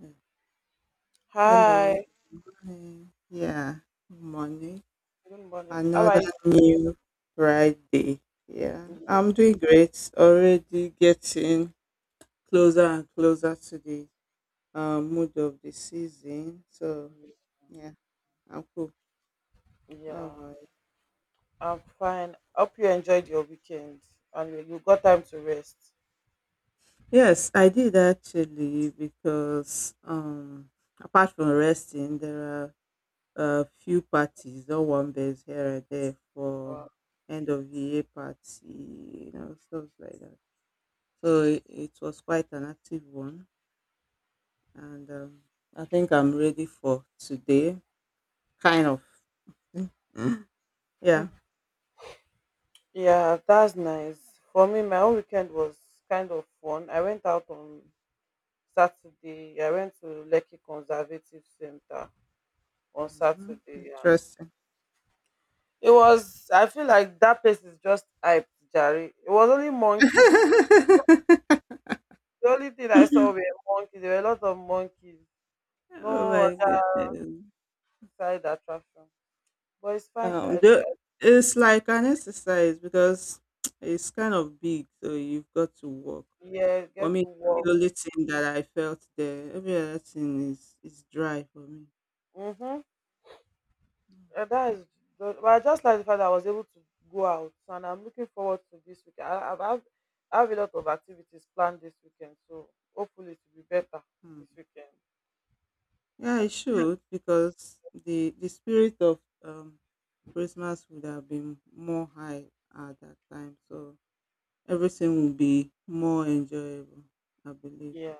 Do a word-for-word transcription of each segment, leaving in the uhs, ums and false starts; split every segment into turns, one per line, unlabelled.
Mm. Hello.
Hi,
Hi. Yeah. Good morning.
good morning. How
Another
are you?
new Friday. Yeah. I'm doing great. Already getting closer and closer to the uh, mood of the season. So, yeah, I'm cool. How
Yeah,
about you?
I'm fine. Hope you enjoyed your weekend and you you got time to rest.
Yes, I did actually because um, apart from resting, there are a few parties or one base here and there for
Uh,
end of the year party, you know, stuff like that. So it, it was quite an active one, and um, I think I'm ready for today. Kind of, yeah.
yeah, that's nice. For me, my own weekend was kind of fun. I went out on Saturday. I went to Lekki Conservative Center on
Mhm.
Saturday, and
Interesting.
it was. I feel like that place is just hyped, Jerry. It was only monkeys.
Oh
The only thing I saw were monkeys. There were a lot of monkeys.
my
No
goodness.
side attraction. But it's fine, sha. I-
Um, the,
I-
it's like an exercise because it's kind of big, so you've got to work.
yeah,
For
get
me,
to work.
the only thing that I felt there, every other thing is is dry for me.
Mm-hmm. And that is good, but I just like the fact that I was able to go out, so, and I'm looking forward to this weekend. I, I've, I've, I have a lot of activities planned this weekend, so hopefully it will be better
Hmm.
this weekend.
Yeah, I should because the the spirit of um Christmas would have been more high at that time, so everything would be more enjoyable, I believe.
Yeah.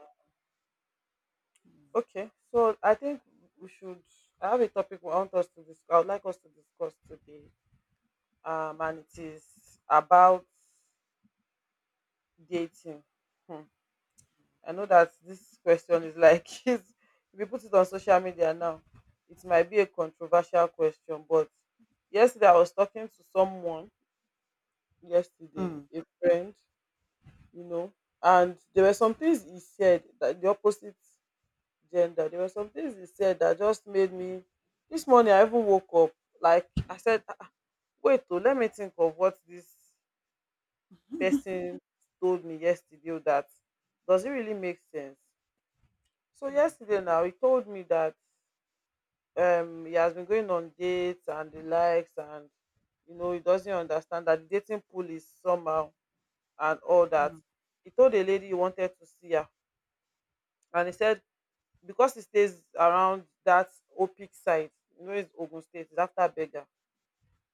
Okay. So I think we should. I have a topic I want us to discuss. I would like us to discuss today, um, and it is about dating. Hmm. I know that this question is like is if you put it on social media now, it might be a controversial question, but yesterday I was talking to someone yesterday,
Mm.
a friend, you know, and there were some things he said that the opposite gender. There were some things he said that just made me this morning I even woke up like I said, "Ah, ah, wait, oh, let me think of what this person told me yesterday oh, that does it really make sense?" So yesterday now he told me that um he has been going on dates and the likes, and you know he doesn't understand that the dating pool is somehow and all that.
Mm,
He told a lady he wanted to see her, and he said because he stays around that Opic side, you know, it's Ogun State, it's after Beggar.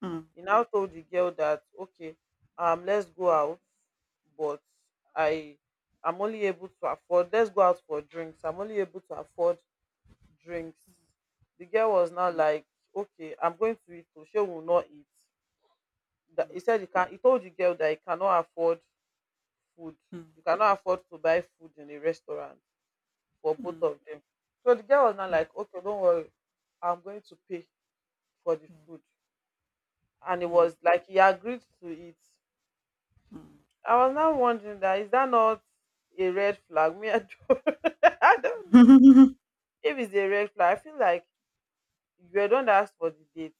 mm, mm,
He now told the girl that, okay, um let's go out, but i i'm only able to afford, let's go out for drinks, I'm only able to afford drinks. The girl was now
mm,
like, okay, I'm going to eat, so she will not eat. That he said he can, he told the girl that he cannot afford food.
mm,
You cannot afford to buy food in a restaurant for
mm,
both
mm,
of them. So the girl was now
mm,
like, okay, don't worry, I'm going to pay for the food, and it
mm,
was like he agreed to it.
mm,
I was now wondering, that is that not a red flag? Me, I don't, I don't know
mm,
if it's a red flag. I feel like you don't ask for the date.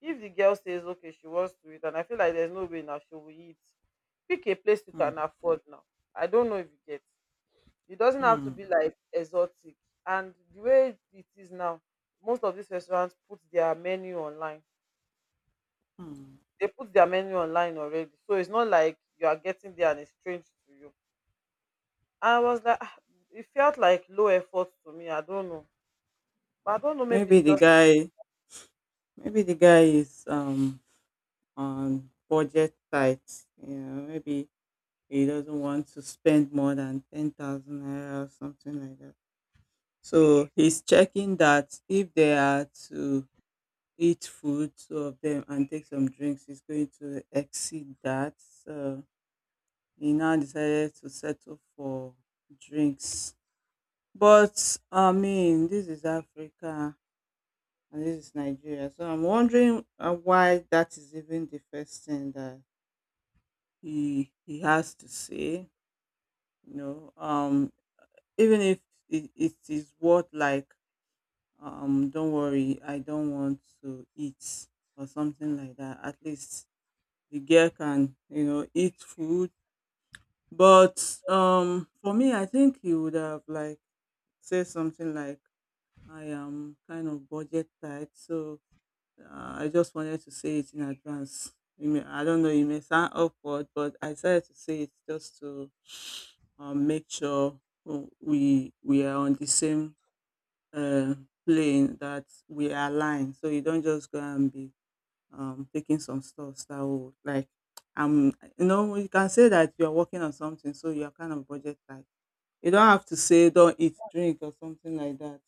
If the girl says okay, she wants to eat, and I feel like there's no way now she will eat. Pick a place you
mm,
can afford now. I don't know if you get. It doesn't have to be
mm.
like exotic. And the way it is now, most of these restaurants put their menu online.
Mm.
They put their menu online already, so it's not like you are getting there and it's strange to you. I was like, "Ah," it felt like low effort to me. I don't know, but I don't know. Maybe
Maybe
it's
the
just
guy, Maybe the guy is um on budget tight. You know, maybe he doesn't want to spend more than ten thousand naira or something like that. So he's checking that if they are to eat food, two of them, and take some drinks, he's going to exceed that. So he now decided to settle for drinks. But I mean, this is Africa and this is Nigeria. So I'm wondering uh, why that is even the first thing that he he has to say. You know, um, even if it, it is what, like um don't worry, I don't want to eat, or something like that. At least the girl can, you know, eat food. But um for me, I think he would have like said something like, I am kind of budget tight, so uh, I just wanted to say it in advance. You may- I don't know, it may sound awkward, but I decided to say it just to um, make sure uh, we we are on the same uh, playing, that we are aligned. So you don't just go and be um, taking some stuff that will like um you know, you can say that you are working on something, so you are kind of budget tight. You don't have to say don't eat, drink, or something like that.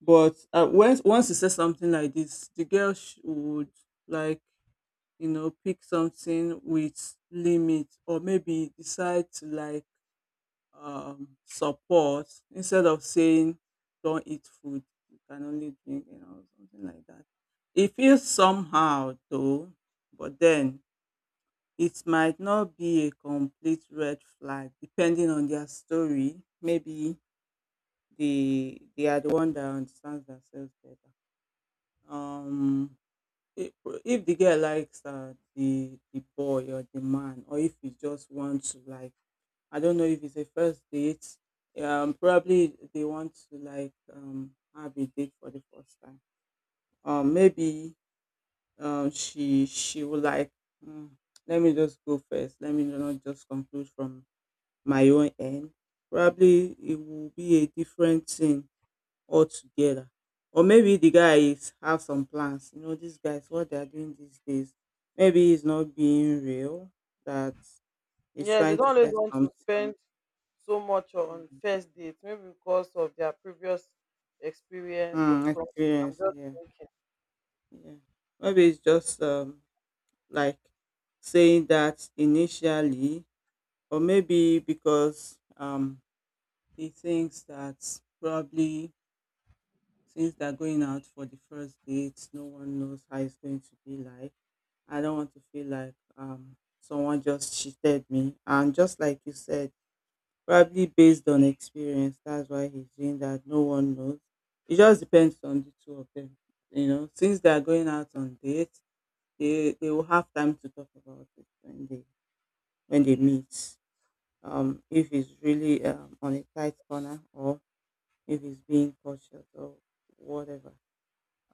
But uh, once once you say something like this, the girl sh- would like, you know, pick something with limit, or maybe decide to like um, support, instead of saying don't eat food, you can only drink, you know, something like that. It feels somehow though, but then it might not be a complete red flag depending on their story. Maybe they they are the one that understands themselves better. um if, if the girl likes uh, the the boy or the man, or if he just wants to like, I don't know if it's a first date. Um, probably they want to like um have a date for the first time. Um, maybe um she she would like, Hmm, let me just go first. Let me not just conclude from my own end. Probably it will be a different thing altogether. Or maybe the guys have some plans. You know, these guys, what they are doing these days. Maybe it's not being real. That he's
yes, they
trying
don't
to
always
test
want to
something.
spend so much
Hmm.
on first dates, maybe because of their previous experience or
Mm,
something. I'm
experience,
just
yeah,
thinking.
yeah. Maybe it's just um, like saying that initially, or maybe because um, he thinks that probably since they're going out for the first date, no one knows how it's going to be like. I don't want to feel like um, someone just cheated me. And just like you said, probably based on experience, that's why he's doing that. No one knows. It just depends on the two of them. You know, since they are going out on dates, they they will have time to talk about it when they when they meet. Um, if it's really um, on a tight corner, or if it's being cautious or whatever.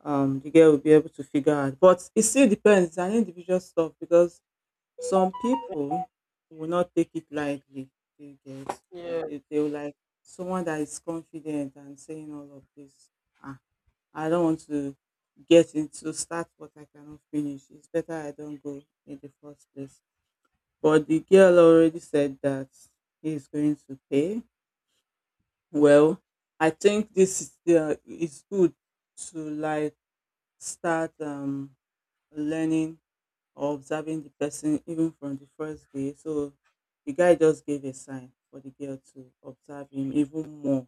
Um, the girl will be able to figure out. But it still depends. It's an individual stuff because some people will not take it lightly, you get.
Yeah.
They they will like someone that is confident and saying all of this, Ah, I don't want to get into, start what I cannot finish. It's better I don't go in the first place. But the girl already said that he is going to pay. Well, I think this is the, is good to like start um learning or observing the person even from the first day. So the guy just gave a sign for the girl to observe him even more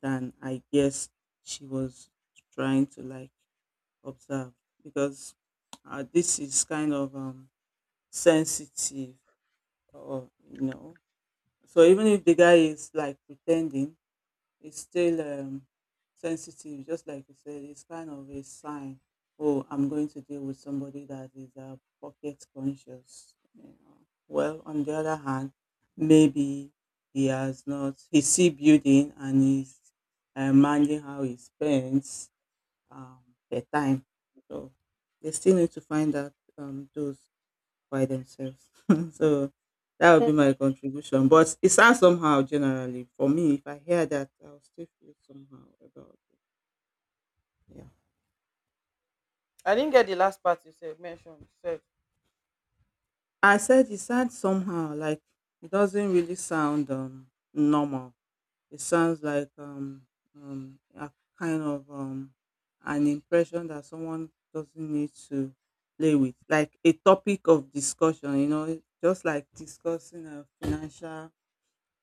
than I guess she was trying to like observe, because uh, this is kind of um, sensitive or, you know. So even if the guy is like pretending, it's still um, sensitive, just like you said. It's kind of a sign. Oh, I'm going to deal with somebody that is uh, pocket conscious. You know. Well, on the other hand, maybe he has not. He's still building, and he's uh, managing how he spends um, the time. So they still need to find out um, those by themselves. So that would be
Hmm.
my contribution. But it sounds somehow generally for me. If I hear that, I'll still feel somehow about it. Yeah,
I didn't get the last part you said mentioned. You said,
I said it sounds somehow like it doesn't really sound um, normal. It sounds like um, um, a kind of um, an impression that someone doesn't need to play with, like a topic of discussion. You know, just like discussing a financial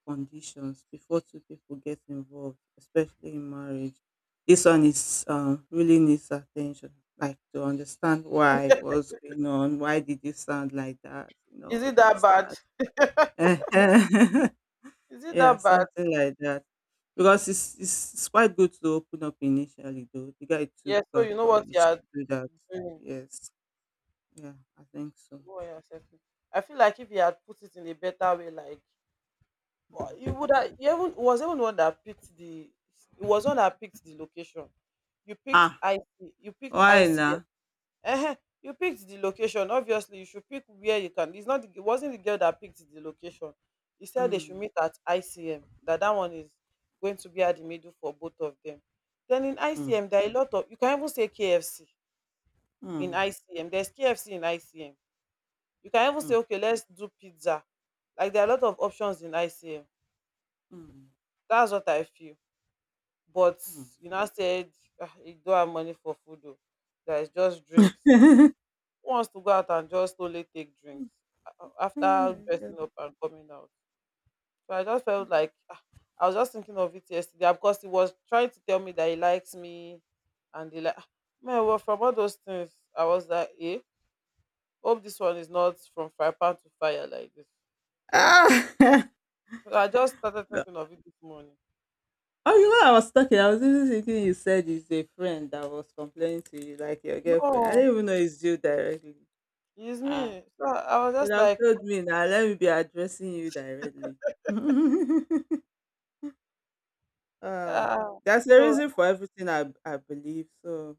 conditions before two people get involved, especially in marriage. This one is um, really needs attention, like to understand why, what's going on, why did you sound like that, you know,
is
all
it that
this
bad?
that.
Is it
Yeah,
that bad?
something like that. Because it's, it's it's quite good to open up initially, though. The guy took
Yeah, so
uh,
you know what you
courage to
are
do that.
doing.
Yes, yeah, I think so.
You know what you are setting. I feel like if you had put it in a better way, like, or you
Mm.
would have, you even was even one that picked the, it was one that picked the location. You picked
Ah,
I C, you picked
why
I C S.
now?
Ehen, you picked the location. Obviously, you should pick where you can. It's not the, it wasn't the girl that picked the location. He said they should
Mm,
meet at I C M. That that one is going to be at the middle for both of them. Then in
mm,
I C M, there are a lot of, you can even say KFC in
mm,
ICM. There's KFC in ICM. You can even say,
mm,
okay, let's do pizza. Like there are a lot of options in I C M.
mm,
That's what I feel. But
mm.
you know, I said, "Ah, you don't have money for food. Though. There is just drinks." Who wants to go out and just slowly take drinks a- a-
Oh
after
my
dressing
God.
up and coming out? So I just felt like, ah, I was just thinking of it yesterday, ah, because he was trying to tell me that he likes me, and he like, ah, man, well, from all those things I was like, eh, hope this one is not from fire pan to fire like this.
Ah!
So I just started thinking of it this morning.
Oh, you know, I was talking. I was even thinking you said it's a friend that was complaining to you, like your girlfriend. I
No,
didn't even know it's you directly.
it's
Ah,
me. So I was
you would
just
have
like,
told me now. Let me be addressing you directly. Um,
ah,
that's the
so
reason for everything I I believe. So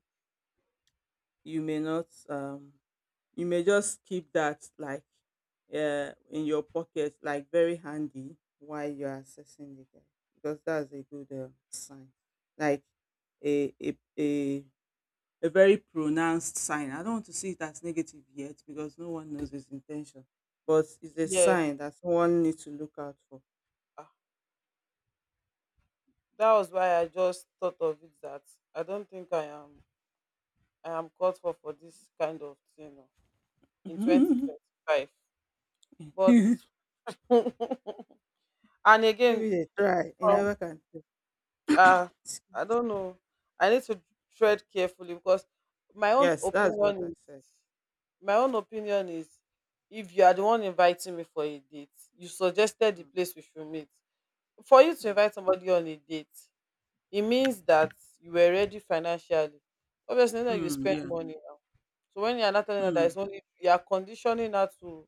you may not um you may just keep that like uh, in your pocket, like very handy while you're accessing the guy, because that's a good uh, sign, like a, a a a very pronounced sign. I don't want to see it as negative yet because no one knows his intention, but it's a
yes,
sign that someone needs to look out for.
ah, that was why I just thought of it that I don't think I am I am called for for this kind of thing oh, in twenty twenty-five. But
Give
and again,
it a try. You
um,
never can tell.
uh, I don't know. I need to tread carefully because my own
Yes, that's what
opinion
I
is
said.
my own opinion is if you are the one inviting me for a date, you suggested the
Mm.
place we should meet. For you to
Mm.
invite somebody on a date, it means that you were ready financially. Obviously, now you
Mm,
spend
yeah.
money now. So when you are not telling her that
Mm.
it's only, you are conditioning her to,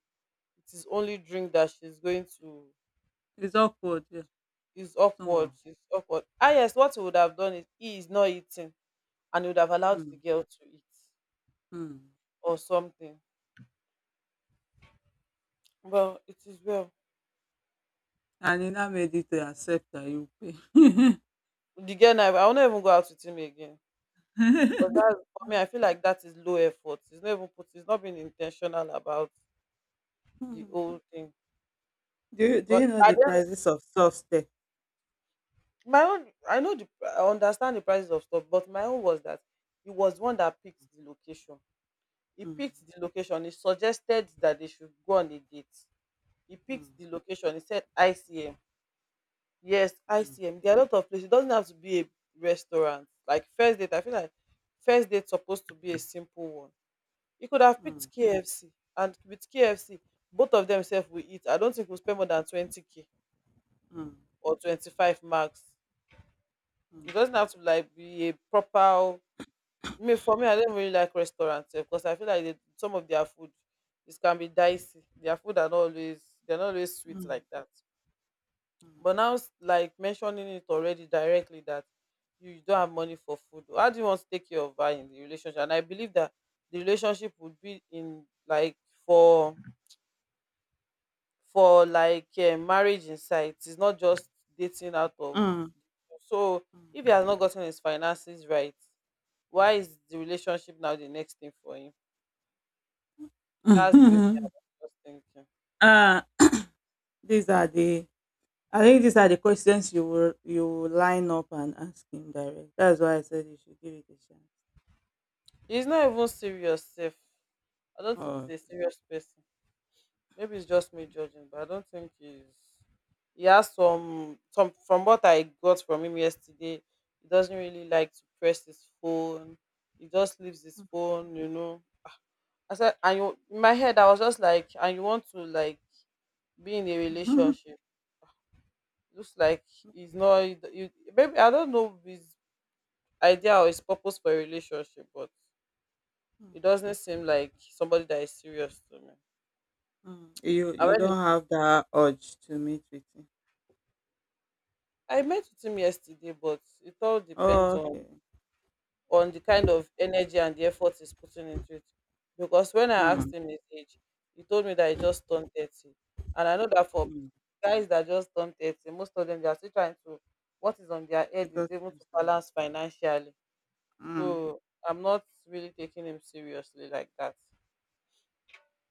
it is only drink that she's going to,
It's awkward. Yeah.
it's awkward,
Somehow.
she's awkward, ah, yes, what he would have done is he is not eating, and he would have allowed the
Mm,
girl to eat
mm.
or something. Well, it is well.
And he now made it to accept that you pay.
The girl now, I will not even go out with him again, because that's, for me I feel like that is low effort. It's not even put, it's not being intentional about the
Mm.
whole thing.
Do you, do
But
you know
I
the
don't,
prices of soft tech?
my own I know the, I understand the prices of stuff, but my own was that he was the one that picked the location. He
Mm,
picked the location. He suggested that they should go on a date. He picked
mm,
the location. He said I C M. Yes,
mm,
I C M. There are a lot of places. It doesn't have to be a restaurant. Like first date, I feel like first date supposed to be a simple one. He could have picked
mm,
K F C, and with K F C, both of themselves will eat. I don't think we'll spend more than twenty k
mm,
or twenty five max.
mm,
It doesn't have to like be a proper, me for me, I don't really like restaurants because I feel like they, some of their food, it can be dicey. Their food are not always, they're not always sweet
mm,
like that. But now, s- like mentioning it already directly that you don't have money for food. How do you want to take care of her in the relationship? And I believe that the relationship would be in like for for like uh, marriage inside. It's not just dating out of.
mm,
So if he has not gotten his finances right, why is the relationship now the next thing for him?
mm,
That's the way I
mm.
was thinking.
uh, these are the, I think these are the questions you will, you will line up and ask him direct. That's why I said you should give it a chance.
He's not even serious, safe. I don't think he's
Oh.
a serious person. Maybe it's just me judging, but I don't think he's. He has some some from what I got from him yesterday. He doesn't really like to press his phone. He just leaves his phone, you know. I said, and you, in my head, I was just like, and you want to like be in a
Hmm.
relationship? Looks like he's not. You, maybe I don't know his idea or his purpose for a relationship, but it
Mm,
doesn't seem like somebody that is serious to me.
mm. You
I
you
really,
don't have that urge to meet with him.
I met with him yesterday, but it all depends
Oh,
on
okay.
on the kind of energy and the effort he's putting into it. Because when I
Mm,
asked him his age, he told me that he just turned thirty. And I know that for
mm.
guys that just turned thirty, most of them they are still trying to what is on their
The
head is
God
able to
Himself.
balance financially.
Mm,
So I'm not really taking him seriously like that.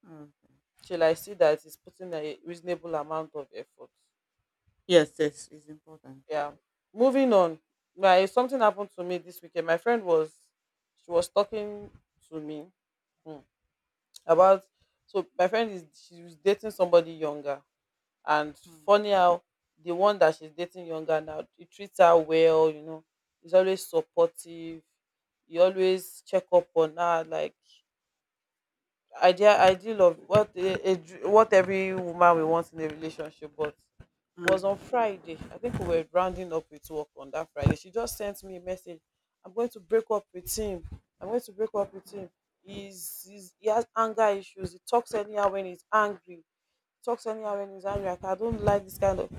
mm.
Till I see that he's putting a reasonable amount of effort.
Yes, yes, it's important.
Yeah. Moving on. My something happened to me this weekend. My friend was she was talking to me hmm, about so my friend is she was dating somebody younger, and
Mm,
funny how the one that she's dating younger now, he treats her well, you know, he's always supportive, he always check up on her like idea ideal of what a, a, dr- what every woman will want in a relationship, but was
mm,
on Friday. I think we were rounding up with work on that Friday. She just sent me a message. I'm going to break up with him. I'm going to break up with him. He's, he's he has anger issues. He talks anyhow when he's angry. He talks
mm,
anyhow when he's angry. Like, I don't like this kind of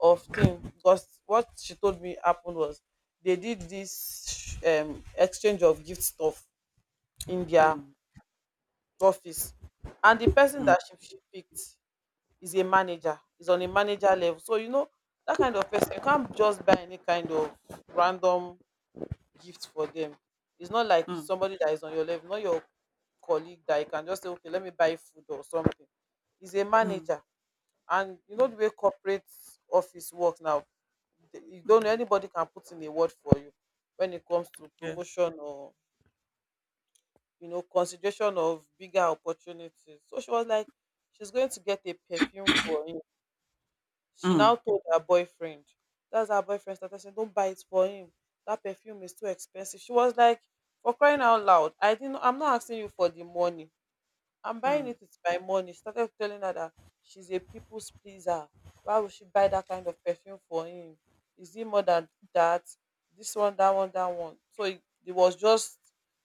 of thing, because what she told me happened was they did this um exchange of gift stuff in their
mm,
office, and the person
mm,
that she, she picked is a manager, is on a manager level, so you know that kind of person, you can't just buy any kind of random gift for them. It's not like
mm,
somebody that is on your level, not your colleague that you can just say, okay, let me buy food or something. Is a manager. And you know
mm,
the way corporate office works now, th- you don't know,
mm.
anybody can put in a word for you when it comes to
Yeah.
promotion or, you know, consideration of bigger opportunities. So she was like, she's going to get a perfume for him. She now
Mm,
told her boyfriend. That's, her boyfriend started saying, don't buy it for him, that perfume is too expensive. She was like, for crying out loud, I didn't, I'm not asking you for the money, I'm buying
mm,
it with my money. Started telling her that she's a people's pleaser. Why would she buy that kind of perfume for him? Is it more than that? This one, that one, that one. So it, it was just,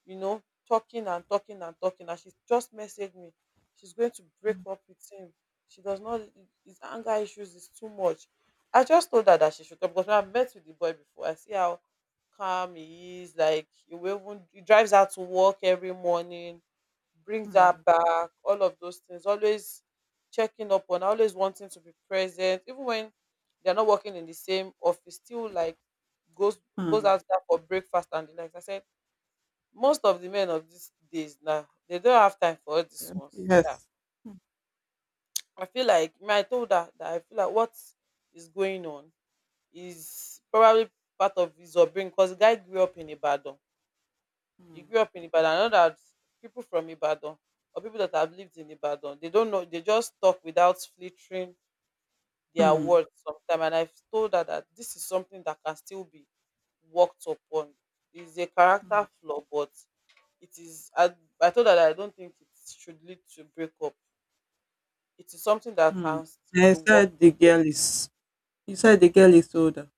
you know, talking and talking and talking. And she just messaged me, she's going to break up with him. She does not, his anger issues is too much. I just told her that she should come, because when I met with the boy before, I see how calm he is. Like, he will even, he drives out to work every morning, brings her
mm,
back, all of those things, always checking up on her, always wanting to be present, even when they're not working in the same office, still like goes goes
mm.
out there for breakfast and the likes. I said most of the men of these days now, they don't have time for all these ones. Yeah.
Yes.
I feel like, me, I told her that I feel like what is going on is probably part of his upbringing, because the guy grew up in Ibadan, you
Mm,
grew up in Ibadan. I know that people from Ibadan, or people that have lived in Ibadan, they don't know, they just talk without filtering their
mm,
words sometimes. And I've told her that this is something that can still be worked upon. It's a
mm,
character flaw, but it is, I, I told her that I don't think it should lead to breakup. It is something that
mm.
can
And
still
you
be worked.
said the girl is. You said the girl is older.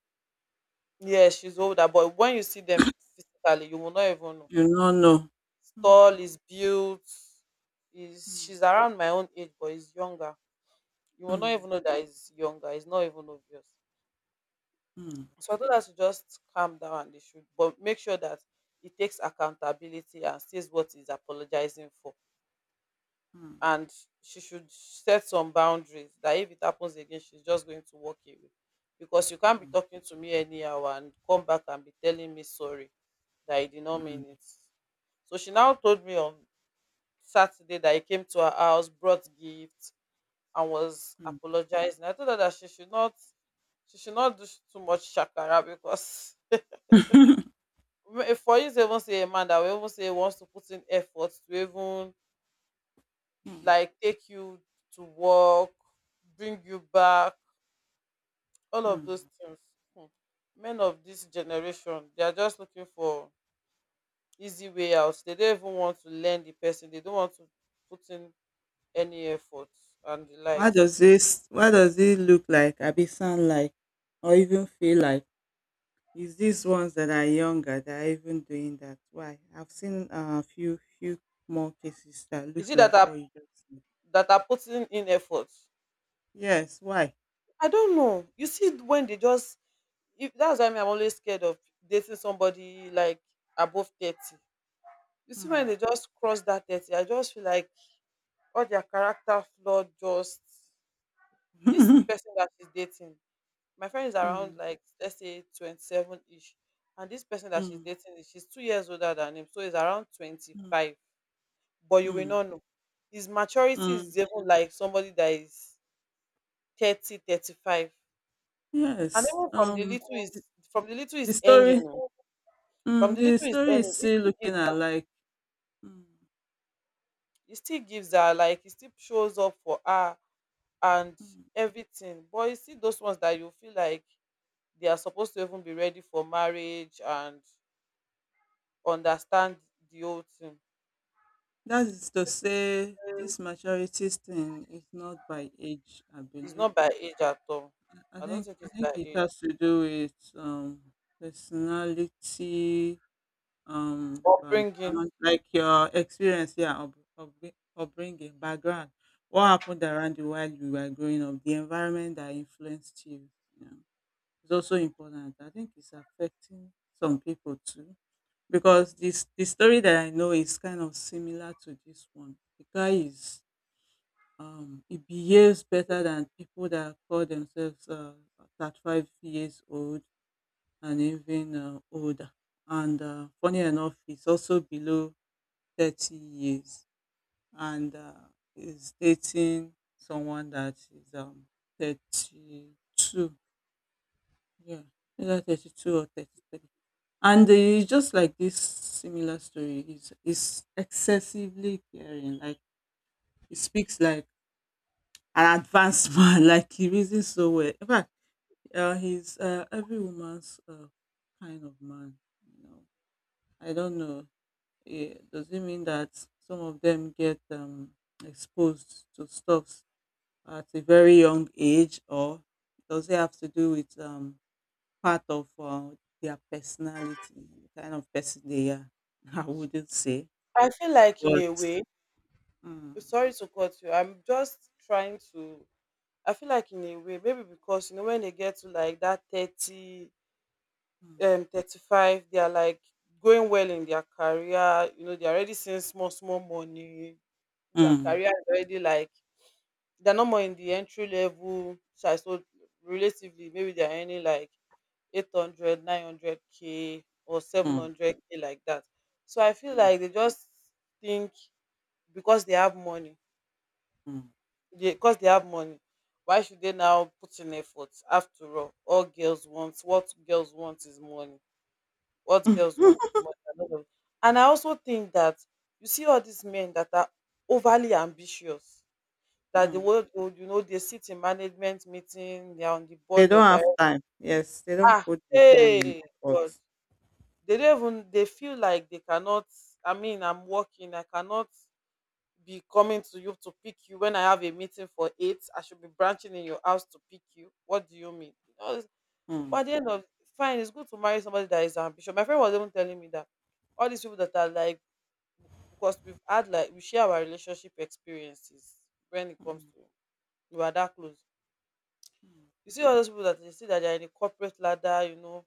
Yeah, she's older, but when you see them physically, you will not even know.
You don't know.
He's tall,
Okay.
is built, is,
Mm,
she's around my own age, but is younger. You will not
mm,
even know that he's younger. It's not even obvious.
mm,
So I told her to just calm down, and they should, but make sure that he takes accountability and says what he's apologizing for. And she should set some boundaries that if it happens again, she's just going to walk away. Because you can't be
mm,
talking to me anyhow and come back and be telling me sorry, that I did not
mm,
mean it. So she now told me on Saturday that he came to her house, brought gifts, and was
mm, mm.
apologizing. I told her that she should not she should not do sh- too much shakara, because m- for you to even say, a man that will even say he wants to put in effort to even
Mm.
like take you to work, bring you back, all of
Mm.
those things. Hmm. Men of this generation, they are just looking for easy way out. They don't even want to learn the person, they don't want to put in any effort and the
Why
likes.
does this, why does it look like, abi sound like, or even feel like, is these ones that are younger that are even doing that? Why? I've seen a uh, few few more cases that
Is
looks
it that
like
are
what you just said.
that are putting in effort?
Yes, why?
I don't know. You see, when they just, if that's why me, I'm always scared of dating somebody like above thirty. You see, when they
Hmm.
just cross that thirty, I just feel like all their character flaw just, this
Mm,
person that she's dating. My friend is around,
mm,
like let's say twenty-seven ish, and this person that she's
mm,
dating is, she's two years older than him, so he's around twenty-five. But you will
mm,
not know. His maturity
mm.
is even like somebody that is thirty, thirty-five. And
Yes.
even from the
Um
little
the,
is, from the little
the
is ending,
story,
oh, from
mm,
the
the
little is
story is
ending, it
still
still
looking
gives her,
alike. Mm,
it still gives her like, it still shows up for her and
mm.
everything. But you see those ones that you feel like they are supposed to even be ready for marriage and understand the whole thing.
That is to say, this maturity thing is not by age, I
It's
believe.
not by age at all.
I
I don't
think
think
I
it's by
think it
age.
has to do with um personality, um
Upbringing.
background, like your experience, yeah, up, upbri- upbringing, background. What happened around you while you were growing up, the environment that influenced you, you know, is also important. I think it's affecting some people too. Because this the story that I know is kind of similar to this one. The guy is um, he behaves better than people that call themselves uh, thirty-five years old and even uh, older. And uh, funny enough, he's also below thirty years, and uh, is dating someone that is um, thirty-two. Yeah, either thirty-two or thirty-three. And it's just like this similar story. He's, he's excessively caring. Like, he speaks like an advanced man, like he reasons so well. In fact, uh, he's uh, every woman's uh, kind of man. You know, I don't know. Eh, does it mean that some of them get um, exposed to stuff at a very young age, or does it have to do with um, part of uh, their personality, the kind of person they are? I wouldn't say,
I feel like in
but.
a way,
Mm,
Sorry to cut you, I'm just trying to. I feel like in a way, maybe because, you know, when they get to like that thirty,
mm,
um thirty-five, they are like going well in their career, you know, they're already seeing small small money, their
mm,
career is already like, they're not more in the entry level side, so relatively maybe they're earning like eight hundred, nine hundred k or seven hundred k, like that. So I feel
mm,
like they just think, because they have money,
mm,
they, because they have money why should they now put in effort? After all all girls want, what girls want is money, what girls want
mm.
is more than all. And I also think that, you see all these men that are overly ambitious, that the
Mm.
world, you know, they sit in management meeting, they are on the
They
board
don't
of
have
directors,
time. Yes, they don't
ah,
put the time and
hey,
effort.
god, they don't even, they feel like they cannot, I mean, I'm working, I cannot be coming to you to pick you, when I have a meeting for eight I should be branching in your house to pick you, what do you mean, you know, it's-
Mm,
but at the end of, fine, it's good to marry somebody that is ambitious. My friend was even telling me that all these people that are like, because we've had like, we share our relationship experiences when it comes
mm,
to, we are that close.
mm,
You see all those people that they see that they're in the corporate ladder, you know,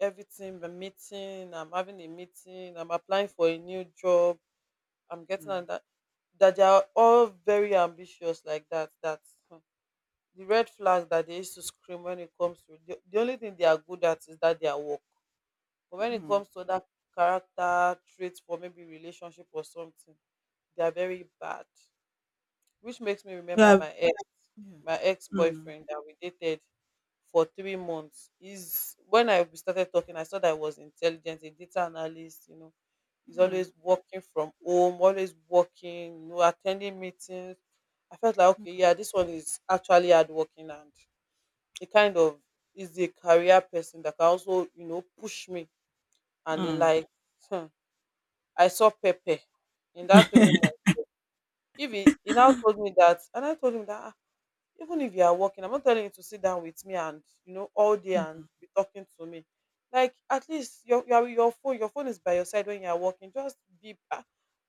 everything, the meeting, I'm having a meeting, I'm applying for a new job, I'm getting on
mm,
that, that they are all very ambitious like that. That, hmm, the red flag that they used to scream when it comes to the, the only thing they are good at is that their work. But when it
mm.
comes to that character traits for maybe relationship or something, they are very bad. Which makes me remember
Yeah.
my ex,
Yeah.
my
Mm,
ex-boyfriend that we dated for three months. Is when I started talking, I saw that I was intelligent, a data analyst, you know, he's
mm,
always working from home, always working, you know, attending meetings. I felt like, okay,
mm,
yeah, this one is actually hardworking, and he kind of is a career person that can also, you know, push me. And he
mm,
like, hmm, I saw pepe in that three months. If he, he now told me that, and I told him that, "Ah, even if you are working, I'm not telling you to sit down with me and, you know, all day and
mm,
be talking to me, like at least your, your, your phone your phone is by your side when you are working, just be, ah,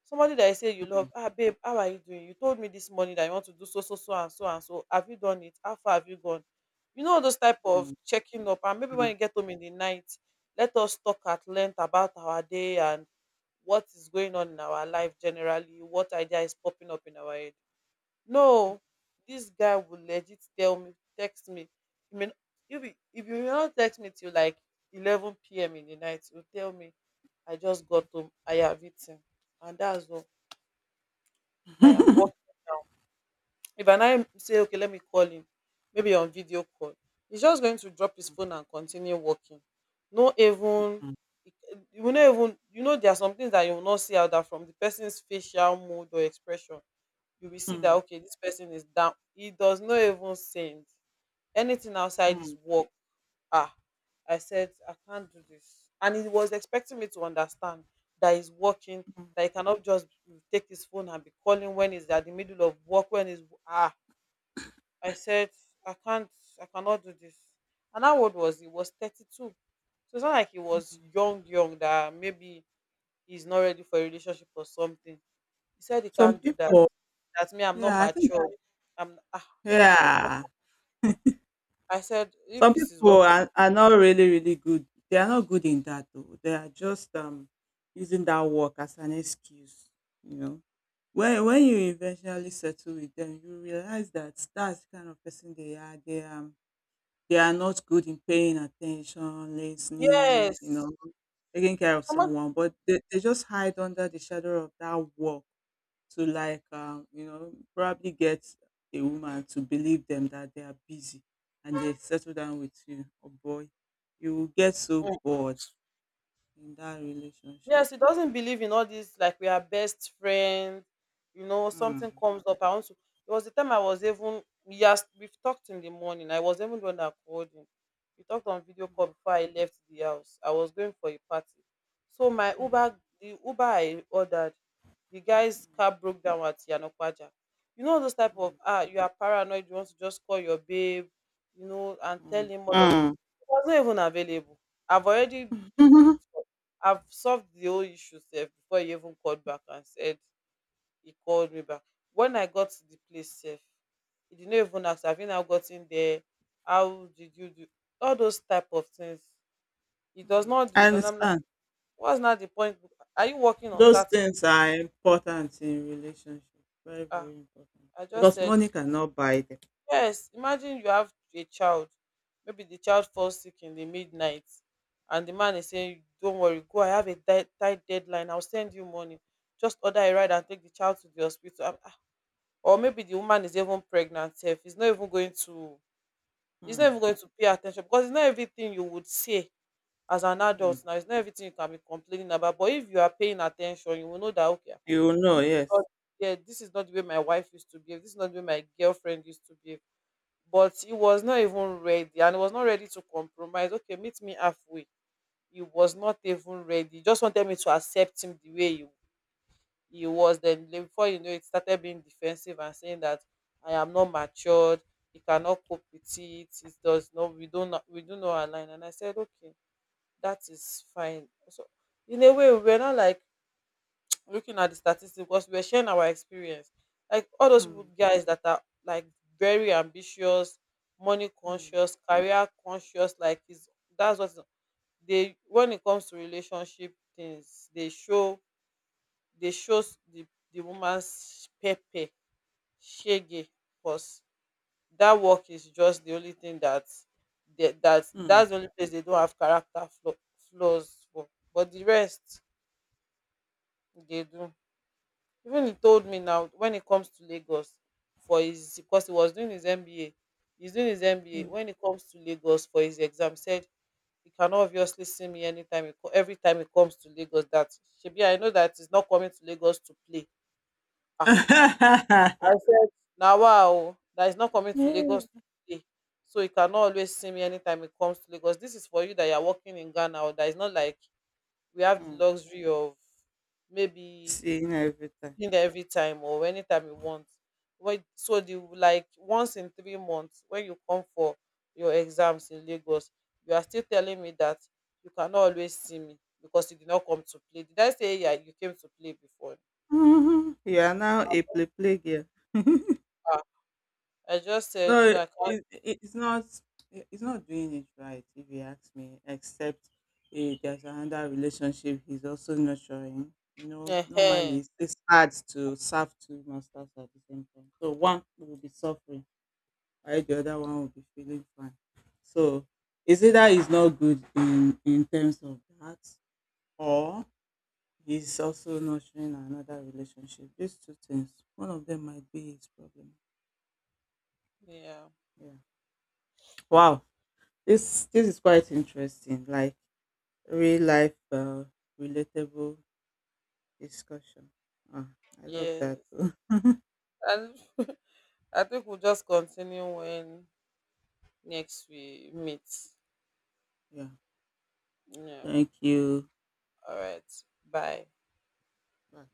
somebody that I say you love,
mm,
ah, babe, how are you doing, you told me this morning that you want to do so so so and so and so, have you done it, how far have you gone, you know, those type of
mm,
checking up, and maybe when
mm,
you get home in the night, let us talk at length about our day and what is going on in our life generally, what idea is popping up in our head." No, this guy will legit tell me, text me, I mean, if you, if you not text me till like eleven p m in the night, you will tell me, "I just got home, I have eaten," and that's all. I am working now. If I now say, okay, let me call him, maybe on video call, he's just going to drop his phone and continue working. No, even you will not even you know there are some things that you will not see out that from the person's facial mood or expression. You will see that,
mm,
okay, this person is down, he does not even send anything outside his
mm,
work. ah I said I can't do this, and he was expecting me to understand that he's working,
mm.
that he cannot just take his phone and be calling when he's at the middle of work, when he's ah I said I can't, I cannot do this. And how old was he? He was thirty-two, so it's not like he was young young that maybe he's not ready for a relationship or something. He said he
Some
can't do that,
people,
that me I'm not
yeah, I think,
mature. I'm ah I said,
yeah,
I said if
some
this is what,
people are, are not really, really good. They are not good in that, though. They are just um using that work as an excuse, you know. When when you eventually settle with them, you realize that that's the kind of person they are. They um they are not good in paying attention, listening, you
yes.
know, taking care of
Someone,
someone, but they, they just hide under the shadow of that wall to like um you know, probably get a woman to believe them that they are busy, and they settle down with you. Oh boy, you will get so bored in that relationship.
yes, he doesn't believe in all this, like we are best friends, you know, something
Mm.
comes up. I want to, there was the time I was even, yes, we've talked in the morning. I was even the one that called him. We talked on video call before I left the house. I was going for a party. So my
Mm.
Uber the Uber I ordered, the guy's
Mm.
car broke down at Yanokwaja. You know those type of, ah, you are paranoid, you want to just call your babe, you know, and tell
Mm.
him all of this.
Mm.
It was not even available. I've already
Mm. Mm.
I've solved the whole issue sef before he even called back and said, he called me back. When I got to the place sef, he did not even ask, have you now gotten there? How did you do? All those type of things. He does
Hmm.
not do
I
it. And I'm like,
understand.
what's not the point? Are you working on
Those
Saturday?
things are important in relationship. Very, very
Ah,
important.
I just
Because
said,
money cannot buy them.
yes, imagine you have a child. Maybe the child falls sick in the midnight, and the man is saying, "Don't worry, go. I have a tight, tight deadline. I'll send you money. Just order a ride and take the child to the hospital." Ah, ah. Or maybe the woman is even pregnant. If he's not even going to, he's not even
Hmm.
going to pay attention, because it's not everything you would say as an
Hmm.
adult. Now it's not everything you can be complaining about. But if you are paying attention, you will know that, okay, ah,
You will
this
know,
is not,
yes.
yeah, this is not the way my wife used to behave. This is not the way my girlfriend used to behave. But he was not even ready, and he was not ready to compromise, okay, meet me halfway. He was not even ready, he just wanted me to accept him the way he, he was. Then le- before you know it, started being defensive and saying that I am not matured, he cannot cope with it, it does not, we don't we do not align. And I said, okay, that is fine. So in a way, we were not like looking at the statistics, because we we're sharing our experience. Like all those people,
Hmm.
guys that are like very ambitious, money
Hmm.
conscious, career conscious, like is, that's what they, when it comes to relationship things, they show, they show the the woman's pepe shege, because that work is just the only thing that they, that
Hmm.
that's the only place they don't have character flaw, flaws for. But the rest they do. Even he told me, now when it comes to Lagos for his, because he was doing his M B A. He's doing his M B A.
Hmm.
When it comes to Lagos for his exam, said he cannot obviously see me anytime he, co- every time he comes to Lagos. That Shebi, I know that he's not coming to Lagos to play. Ah, I said, now wow, that he's not coming to Lagos to
Yeah.
play. So he cannot always see me anytime he comes to Lagos. This is for you that you're working in Ghana, or that is not like we have the
Hmm.
luxury of, maybe,
Seeing everything.
cleaned every time or anytime you want. When, so the, like, once in three months when you come for your exams in Lagos, you are still telling me that you cannot always see me because you did not come to play. Did I say yeah, you came to play before?
Mhm. You are now a play play girl.
Ah, I just said
No,
no,
it,
I can't.
it it's not it- it's not doing it right if you ask me, except eh, there's another relationship he's also nurturing. You know, normally
Ehen.
it's, it's hard to serve two masters at the same time. So one will be suffering while the other one will be feeling fine. So it's either he's not good in in terms of that, or he's also nurturing another relationship. These two things. One of them might be his problem.
Yeah,
Yeah. Wow. This this is quite interesting, like real life uh, relatable discussion. Ah, I love
yes.
that.
And I think we'll just continue when next we meet.
Yeah,
Yeah.
thank you.
All right. Bye.
Bye.